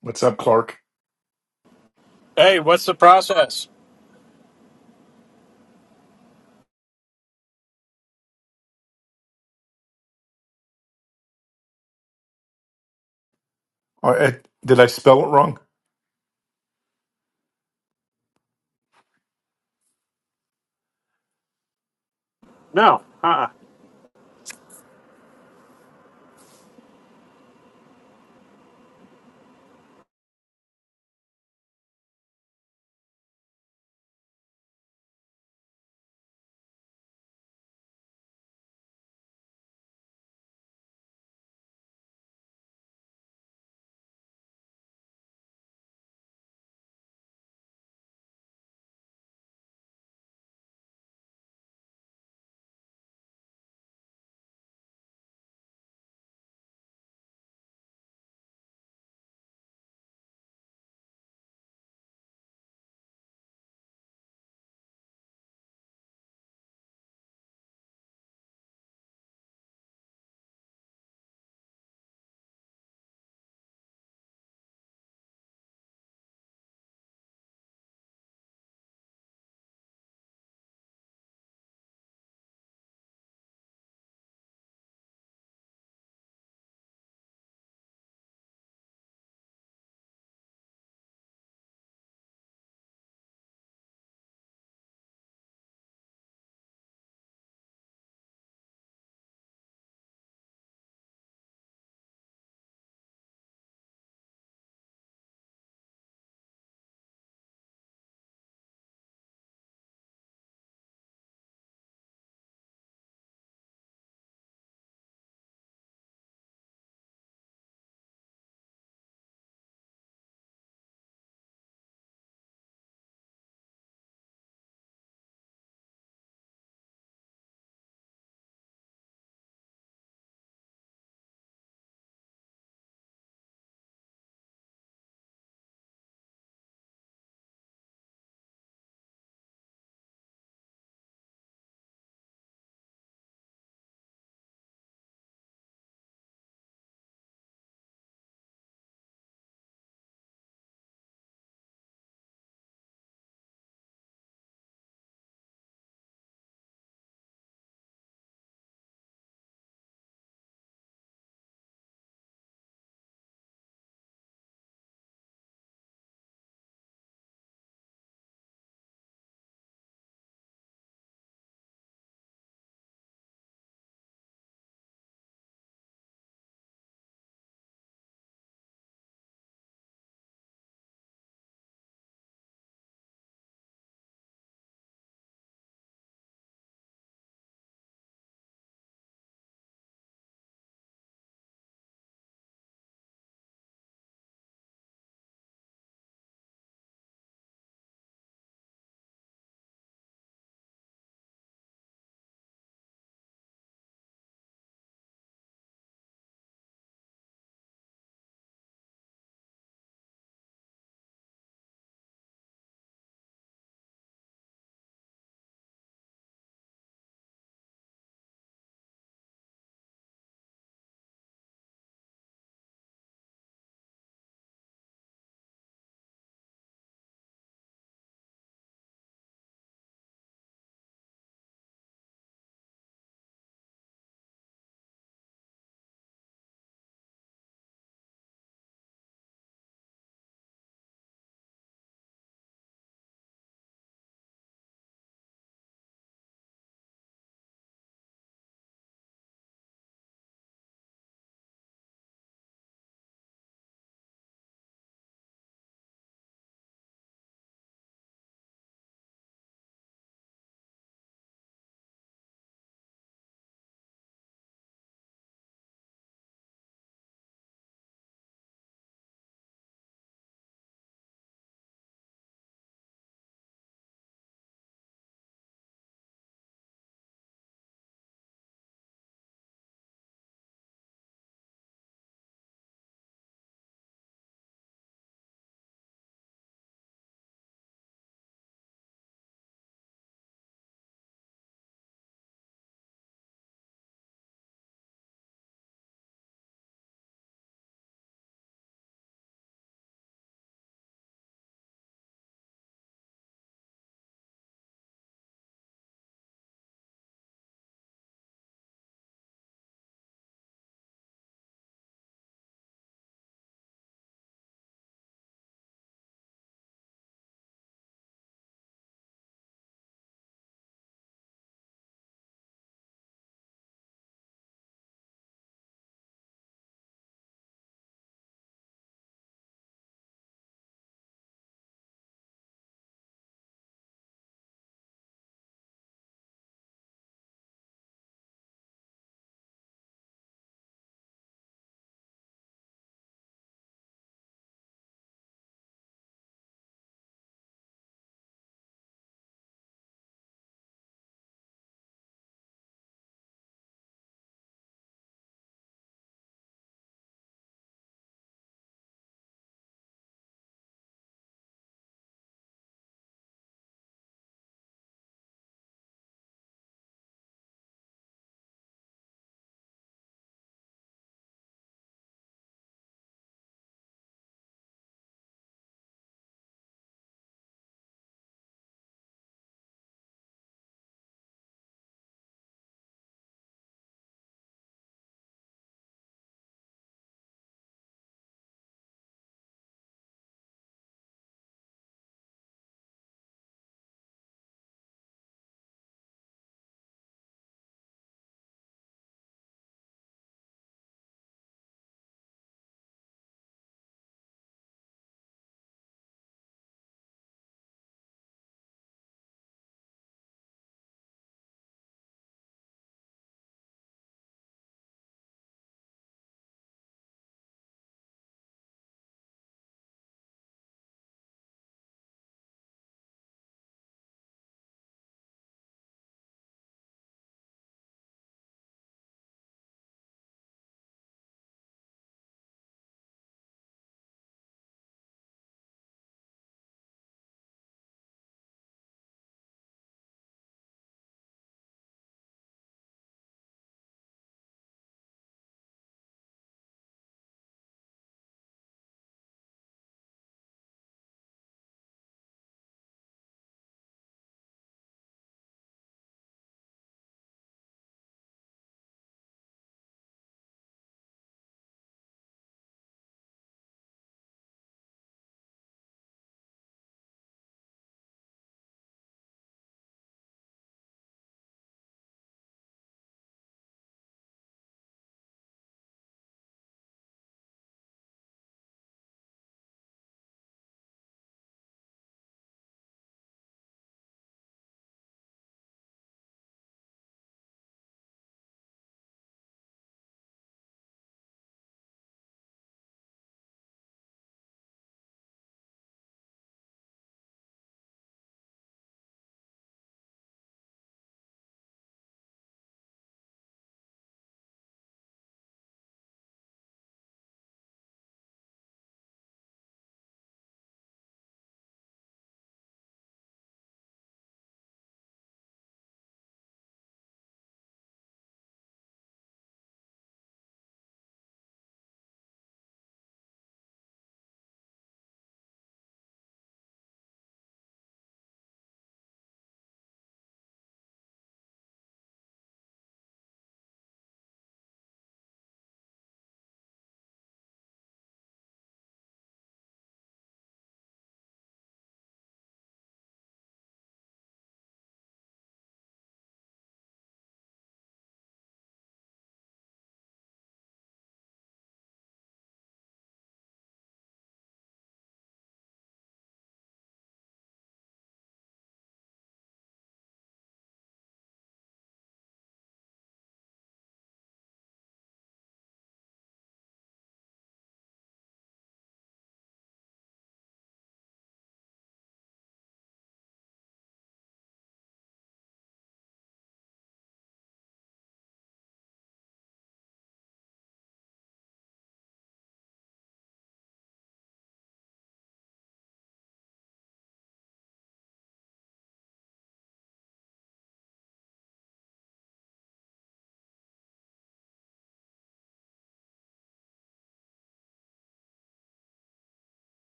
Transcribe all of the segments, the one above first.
What's up, Clark? Hey, what's the process? Uh, eh, did I spell it wrong? No. Uh. uh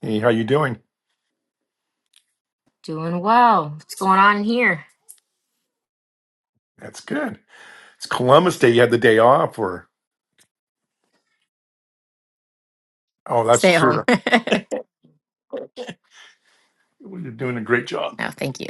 Hey, how you doing? Doing well. What's going on in here? That's good. It's Columbus Day. You had the day off, or oh, that's Stay at home. true. Well, You're doing a great job. no, thank you.